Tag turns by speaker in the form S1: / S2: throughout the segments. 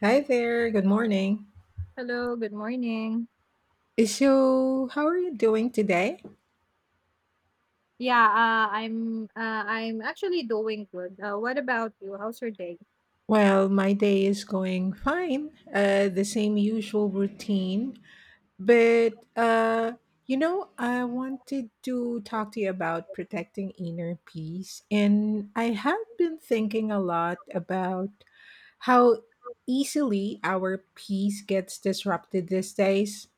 S1: Hi there, good morning.
S2: Hello, good morning.
S1: So, how are you doing today?
S2: Yeah, I'm actually doing good. What about you? How's your day?
S1: Well, my day is going fine, the same usual routine. But, uh, I wanted to talk to you about protecting inner peace. And I have been thinking a lot about how easily our peace gets disrupted these days.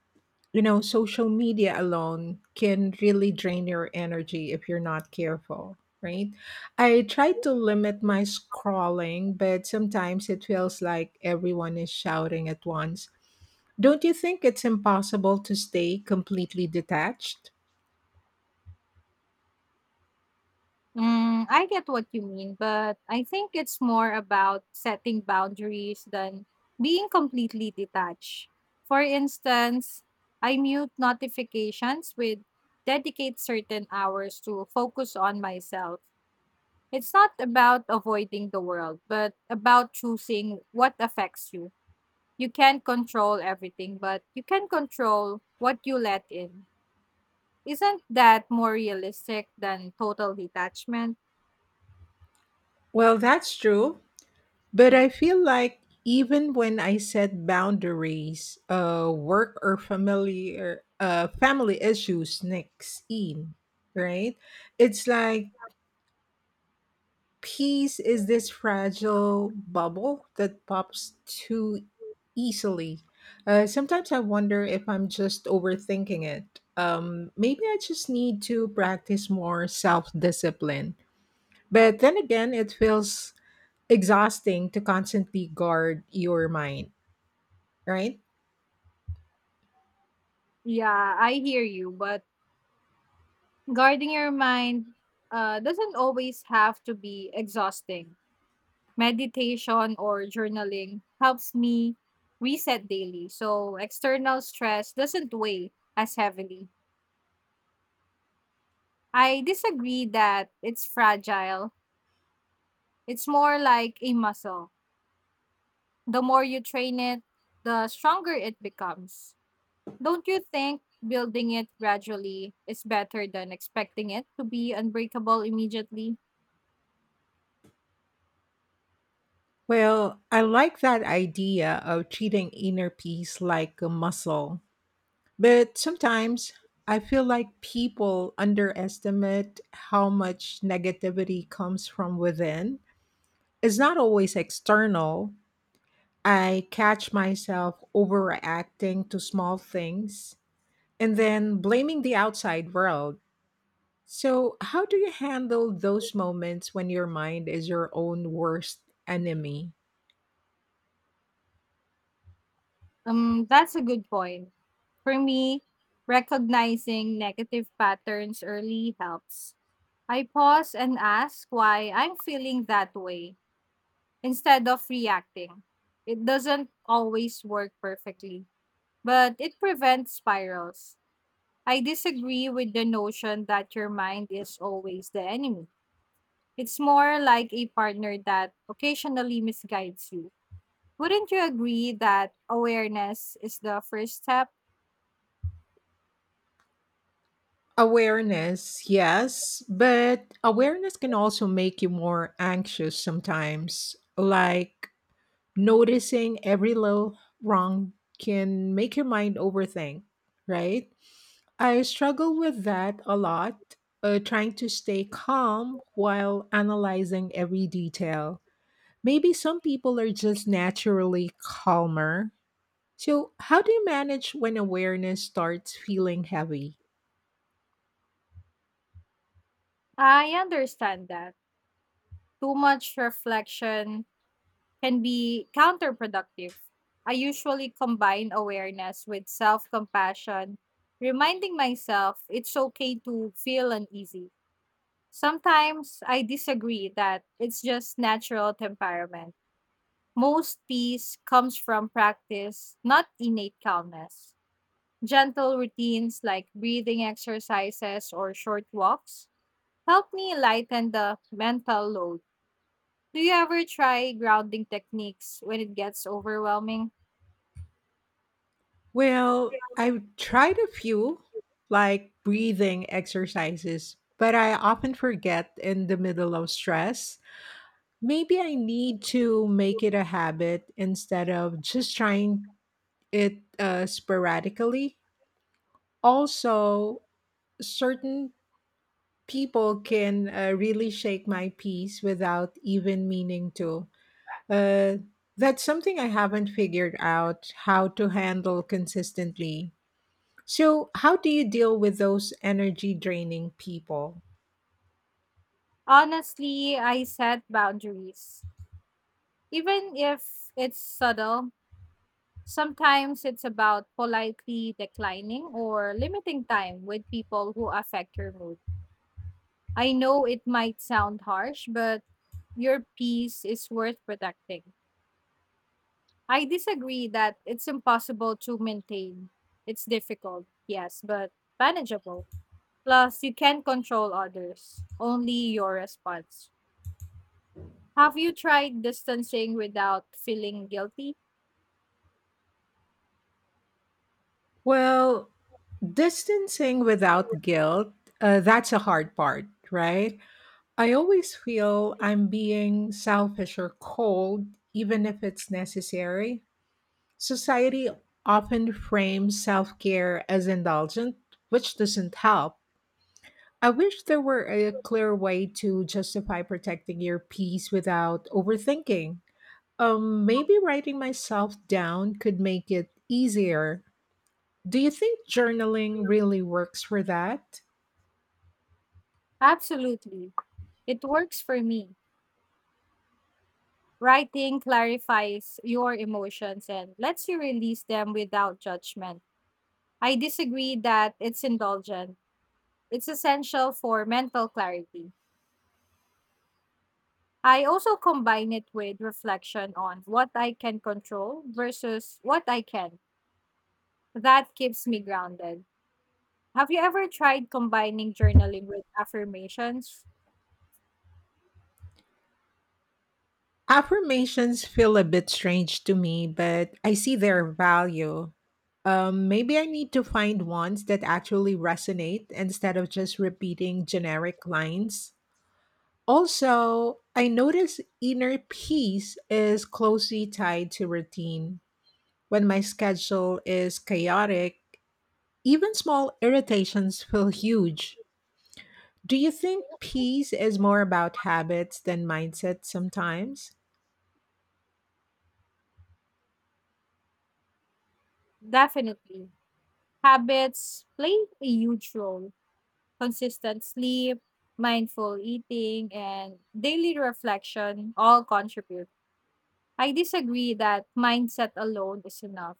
S1: You know, social media alone can really drain your energy if you're not careful, right? I try to limit my scrolling, but sometimes it feels like everyone is shouting at once. Don't you think it's impossible to stay completely detached?
S2: Mm, I get what you mean, but I think it's more about setting boundaries than being completely detached. For instance, I mute notifications with dedicate certain hours to focus on myself. It's not about avoiding the world, but about choosing what affects you. You can't control everything, but you can control what you let in. Isn't that more realistic than total detachment?
S1: Well, that's true, but I feel like even when I set boundaries, work or familiar family issues sneaks in, right? It's like peace is this fragile bubble that pops too easily. Sometimes I wonder if I'm just overthinking it. Maybe I just need to practice more self discipline. But then again, it feels exhausting to constantly guard your mind, right?
S2: Yeah, I hear you, but guarding your mind doesn't always have to be exhausting. Meditation or journaling helps me reset daily, so external stress doesn't weigh as heavily. I disagree that it's fragile. It's more like a muscle. The more you train it, the stronger it becomes. Don't you think building it gradually is better than expecting it to be unbreakable immediately?
S1: Well, I like that idea of treating inner peace like a muscle. But sometimes I feel like people underestimate how much negativity comes from within. It's not always external. I catch myself overreacting to small things and then blaming the outside world. So, how do you handle those moments when your mind is your own worst enemy?
S2: That's a good point. For me, recognizing negative patterns early helps. I pause and ask why I'm feeling that way instead of reacting. It doesn't always work perfectly, but it prevents spirals. I disagree with the notion that your mind is always the enemy. It's more like a partner that occasionally misguides you. Wouldn't you agree that awareness is the first step?
S1: Awareness, yes, but awareness can also make you more anxious sometimes. Like noticing every little wrong can make your mind overthink, right? I struggle with that a lot, trying to stay calm while analyzing every detail. Maybe some people are just naturally calmer. So, how do you manage when awareness starts feeling heavy?
S2: I understand that. Too much reflection can be counterproductive. I usually combine awareness with self compassion, reminding myself it's okay to feel uneasy. Sometimes I disagree that it's just natural temperament. Most peace comes from practice, not innate calmness. Gentle routines like breathing exercises or short walks help me lighten the mental load. Do you ever try grounding techniques when it gets overwhelming?
S1: Well, I've tried a few, like breathing exercises, but I often forget in the middle of stress. Maybe I need to make it a habit instead of just trying it sporadically. Also, certain people can really shake my peace without even meaning to. Uh, that's something I haven't figured out how to handle consistently. So, how do you deal with those energy draining people?
S2: Honestly, I set boundaries. Even if it's subtle, sometimes it's about politely declining or limiting time with people who affect your mood. I know it might sound harsh, but your peace is worth protecting. I disagree that it's impossible to maintain. It's difficult, yes, but manageable. Plus, you can't control others, only your response. Have you tried distancing without feeling guilty?
S1: Well, distancing without guilt, that's a hard part, right? I always feel I'm being selfish or cold, even if it's necessary. Society often frames self care as indulgent, which doesn't help. I wish there were a clear way to justify protecting your peace without overthinking. Maybe writing myself down could make it easier. Do you think journaling really works for that?
S2: Absolutely. It works for me. Writing clarifies your emotions and lets you release them without judgment. I disagree that it's indulgent. It's essential for mental clarity. I also combine it with reflection on what I can control versus what I can. That keeps me grounded. Have you ever tried combining journaling with affirmations?
S1: Affirmations feel a bit strange to me, but I see their value. Maybe I need to find ones that actually resonate instead of just repeating generic lines. Also, I notice inner peace is closely tied to routine. When my schedule is chaotic, even small irritations feel huge. Do you think peace is more about habits than mindset sometimes?
S2: Definitely. Habits play a huge role. Consistent sleep, mindful eating, and daily reflection all contribute. I disagree that mindset alone is enough.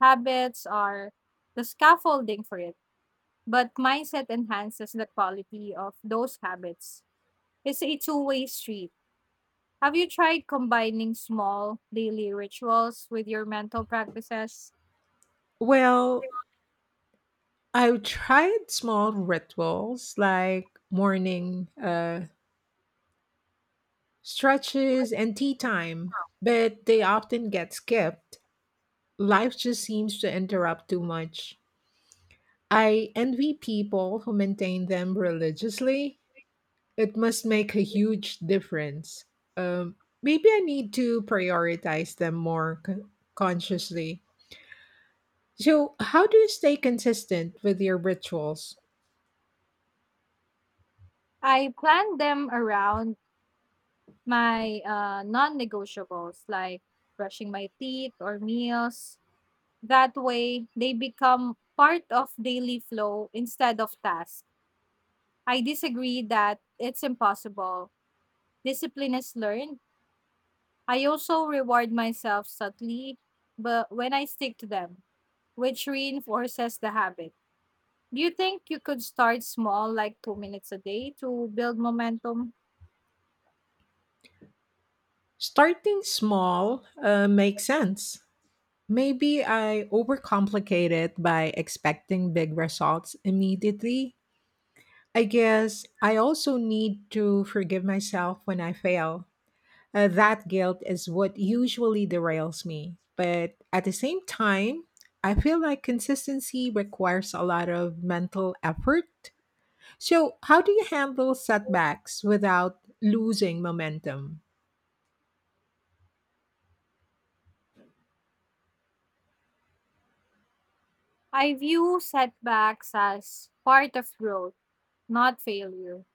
S2: Habits are the scaffolding for it, but mindset enhances the quality of those habits. It's a two-way street. Have you tried combining small daily rituals with your mental practices?
S1: Well, I've tried small rituals like morning stretches and tea time, but they often get skipped. Life just seems to interrupt too much. I envy people who maintain them religiously. It must make a huge difference. Um, Maybe I need to prioritize them more consciously. So, how do you stay consistent with your rituals?
S2: I plan them around my non negotiables like brushing my teeth or meals. That way, they become part of daily flow instead of tasks. I disagree that it's impossible. Discipline is learned. I also reward myself subtly, but when I stick to them, which reinforces the habit. Do you think you could start small, like 2 minutes a day, to build momentum?
S1: Starting small makes sense. Maybe I overcomplicate it by expecting big results immediately. I guess I also need to forgive myself when I fail. That guilt is what usually derails me. But at the same time, I feel like consistency requires a lot of mental effort. So, how do you handle setbacks without losing momentum?
S2: I view setbacks as part of growth, not failure.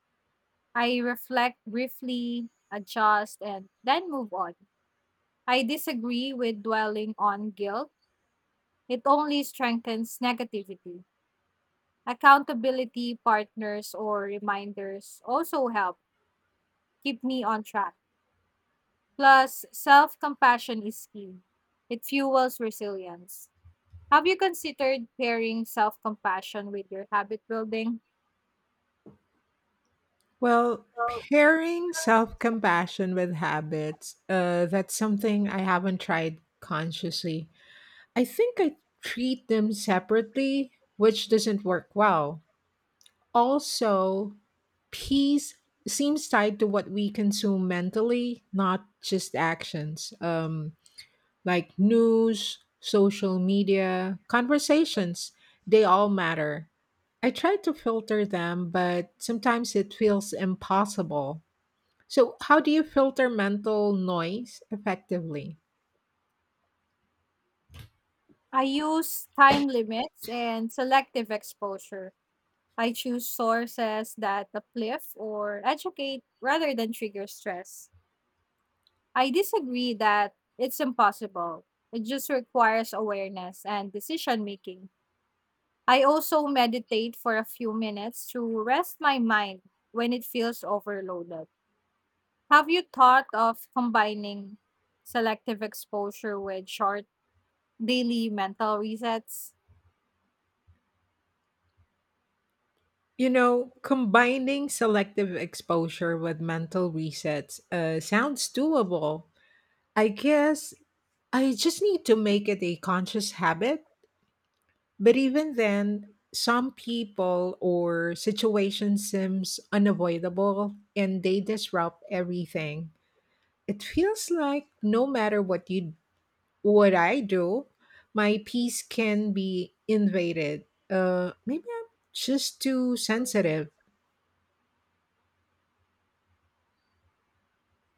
S2: I reflect briefly, adjust, and then move on. I disagree with dwelling on guilt, it only strengthens negativity. Accountability partners or reminders also help keep me on track. Plus, self compassion is key. It fuels resilience. Have you considered pairing self compassion with your habit building?
S1: Well, pairing self compassion with habits, that's something I haven't tried consciously. I think I treat them separately, which doesn't work well. Also, peace seems tied to what we consume mentally, not just actions. Like news, social media, conversations, they all matter. I try to filter them, but sometimes it feels impossible. So, how do you filter mental noise effectively?
S2: I use time limits and selective exposure. I choose sources that uplift or educate rather than trigger stress. I disagree that it's impossible. It just requires awareness and decision making. I also meditate for a few minutes to rest my mind when it feels overloaded. Have you thought of combining selective exposure with short daily mental resets?
S1: You know, combining selective exposure with mental resets sounds doable. I guess I just need to make it a conscious habit. But even then, some people or situations seems unavoidable and they disrupt everything. It feels like no matter what I do, my peace can be invaded. Maybe I'm just too sensitive.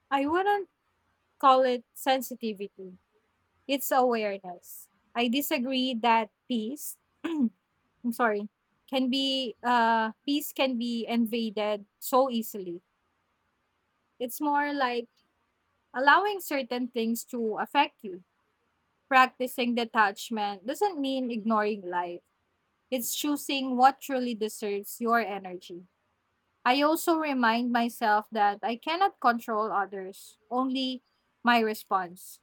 S2: I wouldn't call it sensitivity, it's awareness. I disagree that peace, I'm sorry, can be, peace can be invaded so easily. It's more like allowing certain things to affect you. Practicing detachment doesn't mean ignoring life. It's choosing what truly deserves your energy. I also remind myself that I cannot control others, only my response.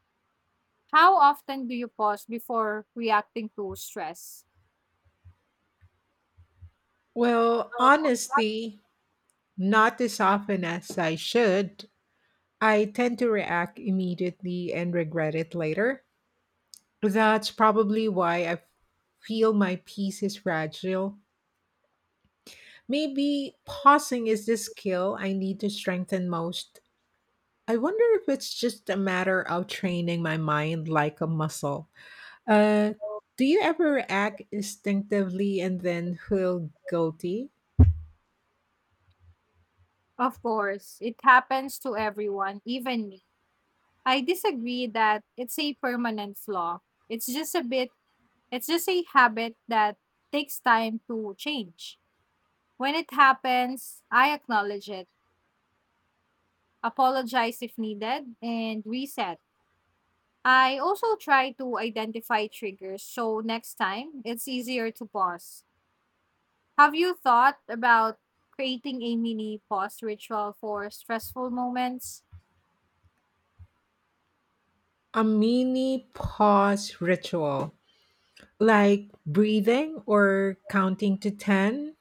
S2: How often do you pause before reacting to stress?
S1: Well, honestly, not as often as I should. I tend to react immediately and regret it later. That's probably why I feel my peace is fragile. Maybe pausing is the skill I need to strengthen most. I wonder if it's just a matter of training my mind like a muscle. Uh, do you ever act instinctively and then feel guilty?
S2: Of course, it happens to everyone, even me. I disagree that it's a permanent flaw. It's just a bit, it's just a habit that takes time to change. When it happens, I acknowledge it, apologize if needed, and reset. I also try to identify triggers so next time it's easier to pause. Have you thought about creating a mini pause ritual for stressful moments?
S1: A mini pause ritual, like breathing or counting to 10?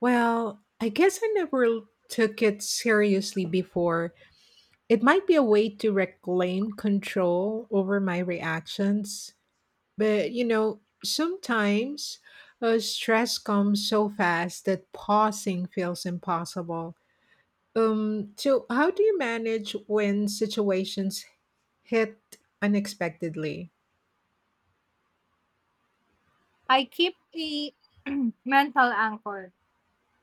S1: Well, I guess I never took it seriously before. It might be a way to reclaim control over my reactions, but you know, sometimes stress comes so fast that pausing feels impossible. So, how do you manage when situations hit unexpectedly?
S2: I keep a mental anchor,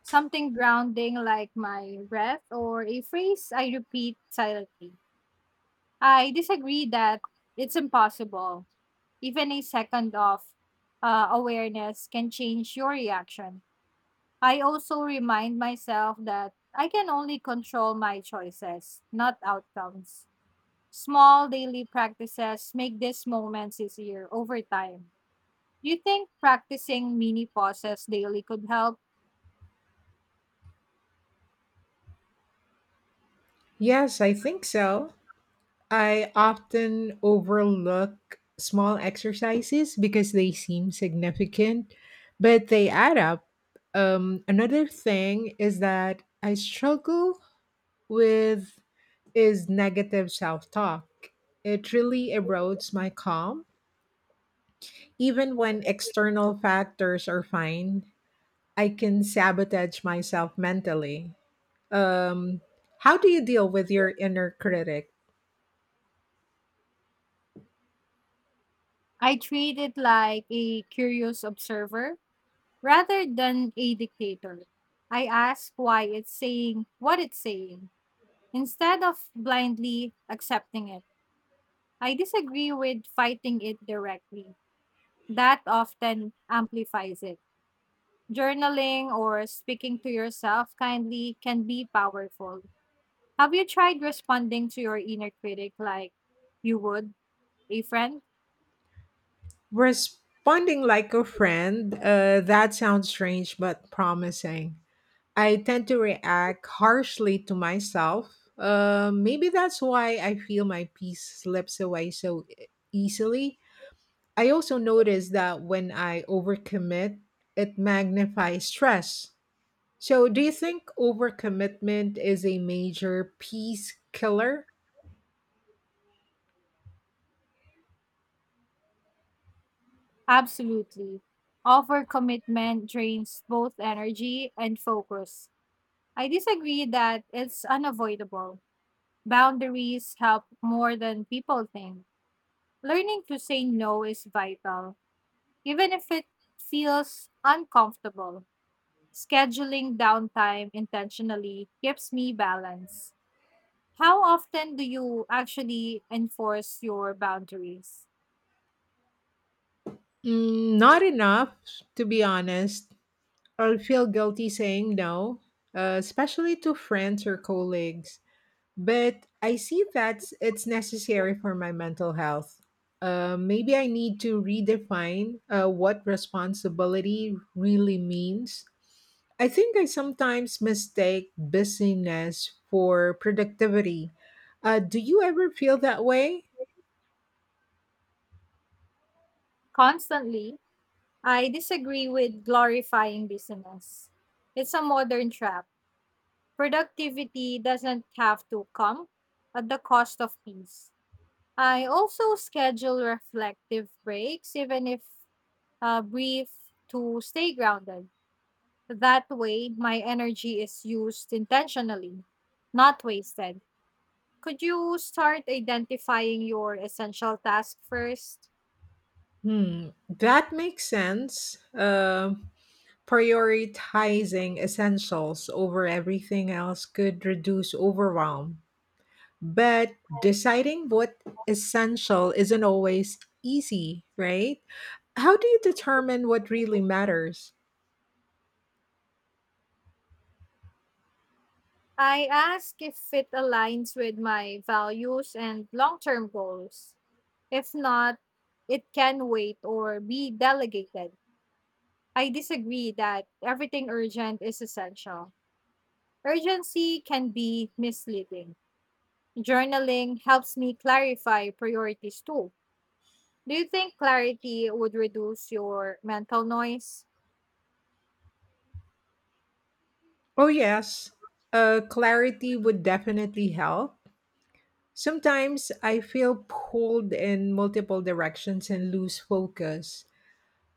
S2: something grounding like my breath or a phrase I repeat silently. I disagree that it's impossible. Even a second of awareness can change your reaction. I also remind myself that I can only control my choices, not outcomes. Small daily practices make these moments easier over time. Do you think practicing mini pauses daily could help?
S1: Yes, I think so. I often overlook small exercises because they seem significant, but they add up. Another thing is that I struggle with is negative self-talk. It really erodes my calm, even when external factors are fine. I can sabotage myself mentally. Um, how do you deal with your inner critic?
S2: I treat it like a curious observer rather than a dictator. I ask why it's saying what it's saying instead of blindly accepting it. I disagree with fighting it directly. That often amplifies it. Journaling or speaking to yourself kindly can be powerful. Have you tried responding to your inner critic like you would a friend?
S1: Responding like a friend, that sounds strange but promising. I tend to react harshly to myself. Maybe that's why I feel my peace slips away so easily. I also notice that when I overcommit, it magnifies stress. So, do you think overcommitment is a major peace killer?
S2: Absolutely. Overcommitment drains both energy and focus. I disagree that it's unavoidable. Boundaries help more than people think. Learning to say no is vital. Even if it feels uncomfortable, scheduling downtime intentionally keeps me balanced. How often do you actually enforce your boundaries?
S1: Mm, not enough, to be honest. I'll feel guilty saying no, especially to friends or colleagues, but I see that it's necessary for my mental health. Maybe I need to redefine what responsibility really means. I think I sometimes mistake busyness for productivity. Do you ever feel that way?
S2: Constantly. I disagree with glorifying business. It's a modern trap. Productivity doesn't have to come at the cost of peace. I also schedule reflective breaks, even if brief, to stay grounded. That way, my energy is used intentionally, not wasted. Could you start identifying your essential task first?
S1: Hmm, that makes sense. Prioritizing essentials over everything else could reduce overwhelm. But deciding what essential isn't always easy, right? How do you determine what really matters?
S2: I ask if it aligns with my values and long term goals. If not, it can wait or be delegated. I disagree that everything urgent is essential. Urgency can be misleading. Journaling helps me clarify priorities too. Do you think clarity would reduce your mental noise?
S1: Oh, yes, clarity would definitely help. Sometimes I feel pulled in multiple directions and lose focus.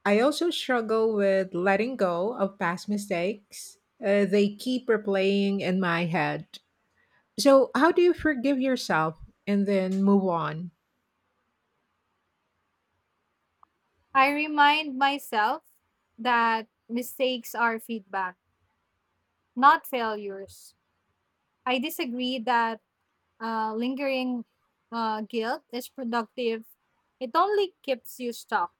S1: I also struggle with letting go of past mistakes. They keep replaying in my head. So, how do you forgive yourself and then move on?
S2: I remind myself that mistakes are feedback, not failures. I disagree that lingering guilt is productive, it only keeps you stuck.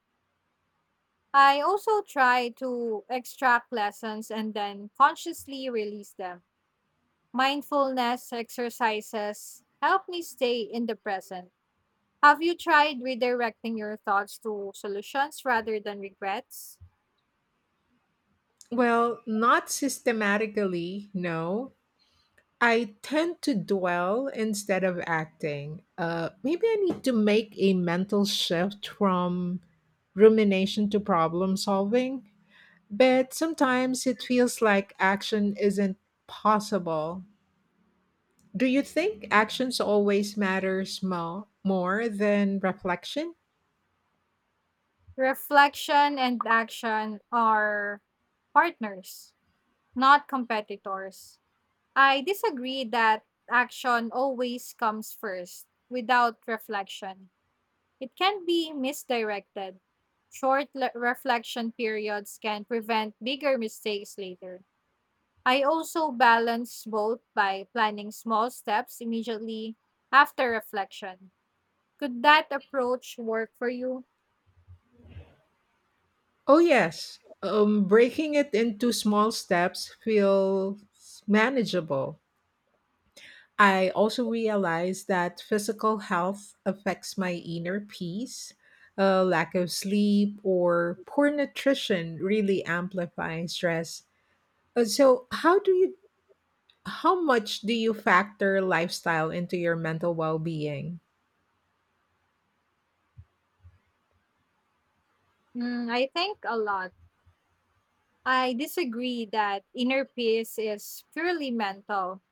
S2: I also try to extract lessons and then consciously release them. Mindfulness exercises help me stay in the present. Have you tried redirecting your thoughts to solutions rather than regrets?
S1: Well, not systematically, no. I tend to dwell instead of acting. Maybe I need to make a mental shift from rumination to problem solving, but sometimes it feels like action isn't possible. Do you think actions always more than reflection?
S2: Reflection and action are partners, not competitors. I disagree that action always comes first without reflection. It can be misdirected. Reflection periods can prevent bigger mistakes later. I also balance both by planning small steps immediately after reflection. Could that approach work for you?
S1: Oh yes, breaking it into small steps feels manageable. I also realize that physical health affects my inner peace. Lack of sleep or poor nutrition really amplify stress. So, how much do you factor lifestyle into your mental well being?
S2: Mm, I think a lot. I disagree that inner peace is purely mental.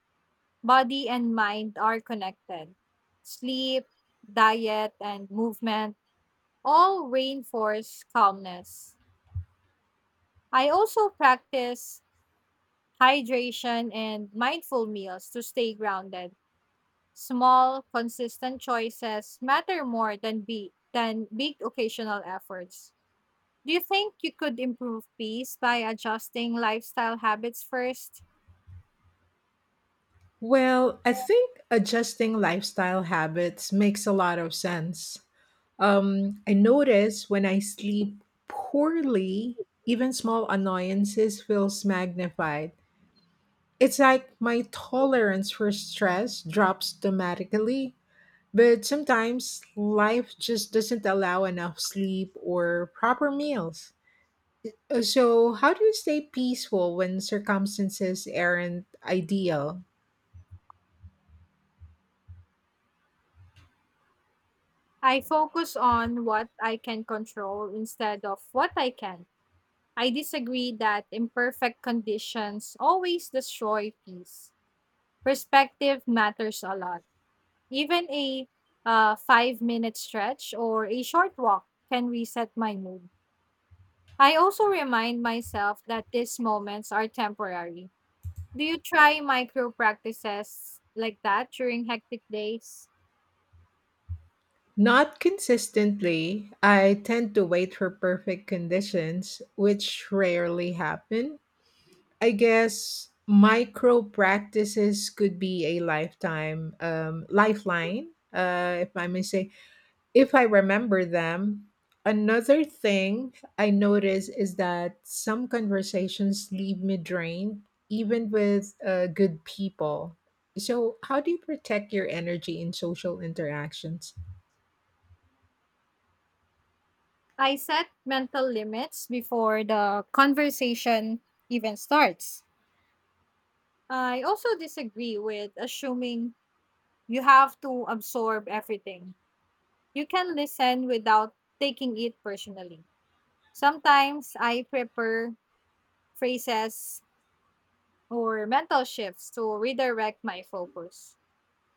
S2: Body and mind are connected. Sleep, diet, and movement all reinforce calmness. I also practice hydration and mindful meals to stay grounded. Small, consistent choices matter more than big occasional efforts. Do you think you could improve peace by adjusting lifestyle habits first?
S1: Well, I think adjusting lifestyle habits makes a lot of sense. I notice when I sleep poorly, even small annoyances feels magnified. It's like my tolerance for stress drops dramatically, but sometimes life just doesn't allow enough sleep or proper meals. So, how do you stay peaceful when circumstances aren't ideal?
S2: I focus on what I can control instead of what I can. not. I disagree that imperfect conditions always destroy peace. Perspective matters a lot. Even a 5 minute stretch or a short walk can reset my mood. I also remind myself that these moments are temporary. Do you try micro practices like that during hectic days?
S1: Not consistently. I tend to wait for perfect conditions, which rarely happen. I guess micro practices could be a lifetime lifeline, if I may say, if I remember them. Another thing I notice is that some conversations leave me drained, even with good people. So, how do you protect your energy in social interactions?
S2: I set mental limits before the conversation even starts. I also disagree with assuming you have to absorb everything. You can listen without taking it personally. Sometimes I prepare phrases or mental shifts to redirect my focus.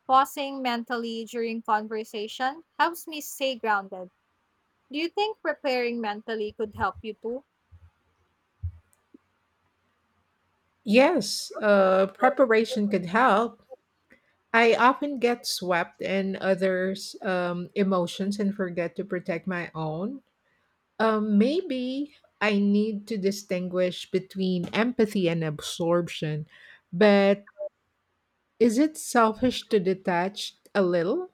S2: Pausing mentally during conversation helps me stay grounded. Do you think preparing mentally could help you too?
S1: Yes, preparation could help. I often get swept in others' emotions and forget to protect my own. Maybe I need to distinguish between empathy and absorption, but is it selfish to detach a little?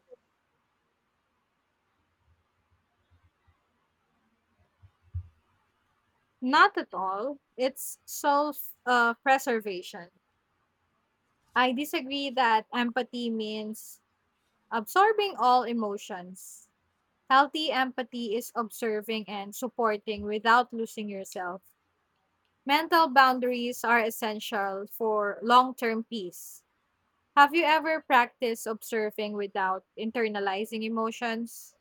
S2: Not at all. It's self preservation. I disagree that empathy means absorbing all emotions. Healthy empathy is observing and supporting without losing yourself. Mental boundaries are essential for long term peace. Have you ever practiced observing without internalizing emotions?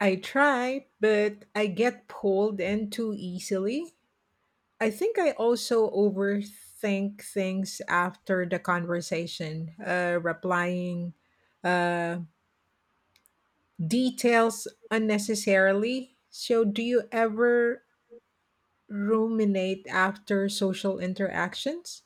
S1: I try, but I get pulled in too easily. I think I also overthink things after the conversation, replying uh, details unnecessarily. So, do you ever ruminate after social interactions?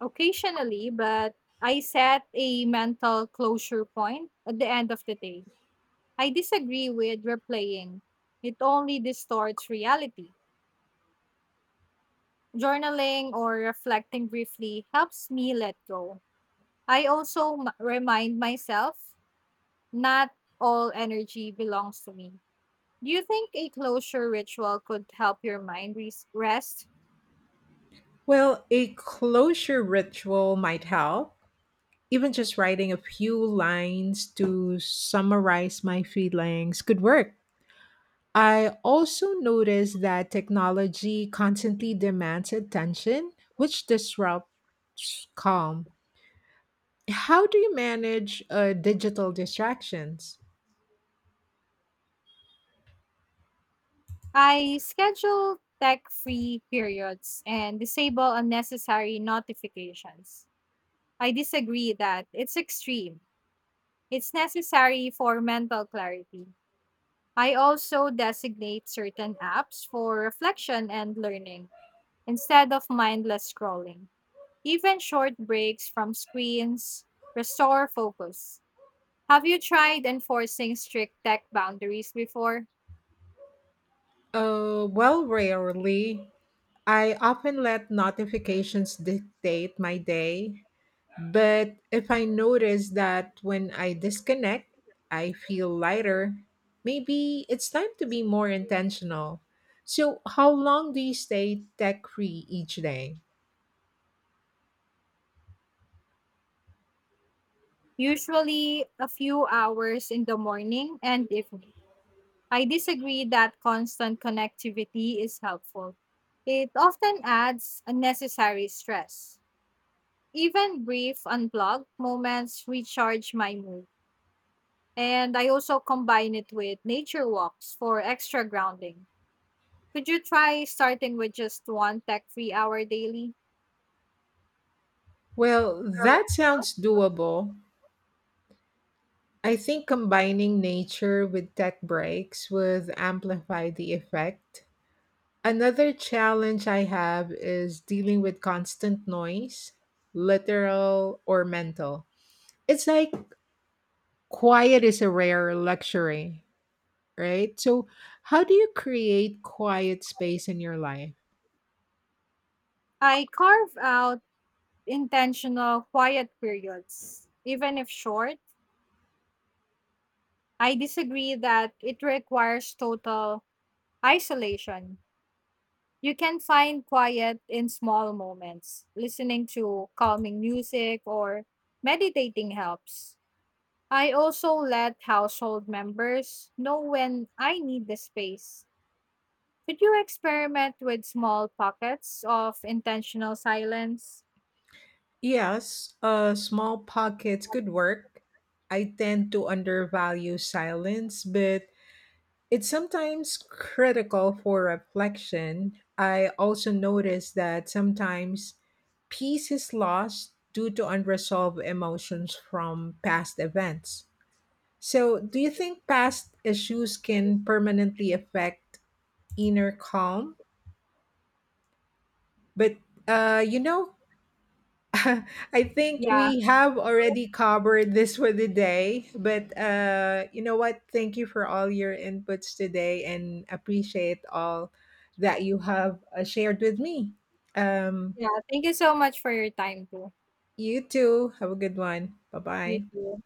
S2: Occasionally, but I set a mental closure point at the end of the day. I disagree with replaying, it only distorts reality. Journaling or reflecting briefly helps me let go. I also remind myself not all energy belongs to me. Do you think a closure ritual could help your mind rest?
S1: Well, a closure ritual might help. Even just writing a few lines to summarize my feelings could work. I also noticed that technology constantly demands attention, which disrupts calm. How do you manage digital distractions?
S2: I schedule tech free periods and disable unnecessary notifications. I disagree that it's extreme. It's necessary for mental clarity. I also designate certain apps for reflection and learning instead of mindless scrolling. Even short breaks from screens restore focus. Have you tried enforcing strict tech boundaries before?
S1: Well, rarely. I often let notifications dictate my day, but if I notice that when I disconnect, I feel lighter, maybe it's time to be more intentional. So, how long do you stay tech free each day?
S2: Usually a few hours in the morning and evening. I disagree that constant connectivity is helpful. It often adds unnecessary stress. Even brief unplugged moments recharge my mood. And I also combine it with nature walks for extra grounding. Could you try starting with just one tech free hour daily?
S1: Well, that sounds doable. I think combining nature with tech breaks would amplify the effect. Another challenge I have is dealing with constant noise, literal or mental. It's like quiet is a rare luxury, right? So, how do you create quiet space in your life?
S2: I carve out intentional quiet periods, even if short. I disagree that it requires total isolation. You can find quiet in small moments. Listening to calming music or meditating helps. I also let household members know when I need the space. Could you experiment with small pockets of intentional silence?
S1: Yes, small pockets could work. I tend to undervalue silence, but it's sometimes critical for reflection. I also notice that sometimes peace is lost due to unresolved emotions from past events. So, do you think past issues can permanently affect inner calm? But, uh, you know, I think
S2: Yeah,
S1: we have already covered this for the day, but you know what? Thank you for all your inputs today and appreciate all that you have shared with me. Um,
S2: yeah. Thank you so much for your time, too.
S1: you too. Have a good one. Bye
S2: You
S1: bye.
S2: too.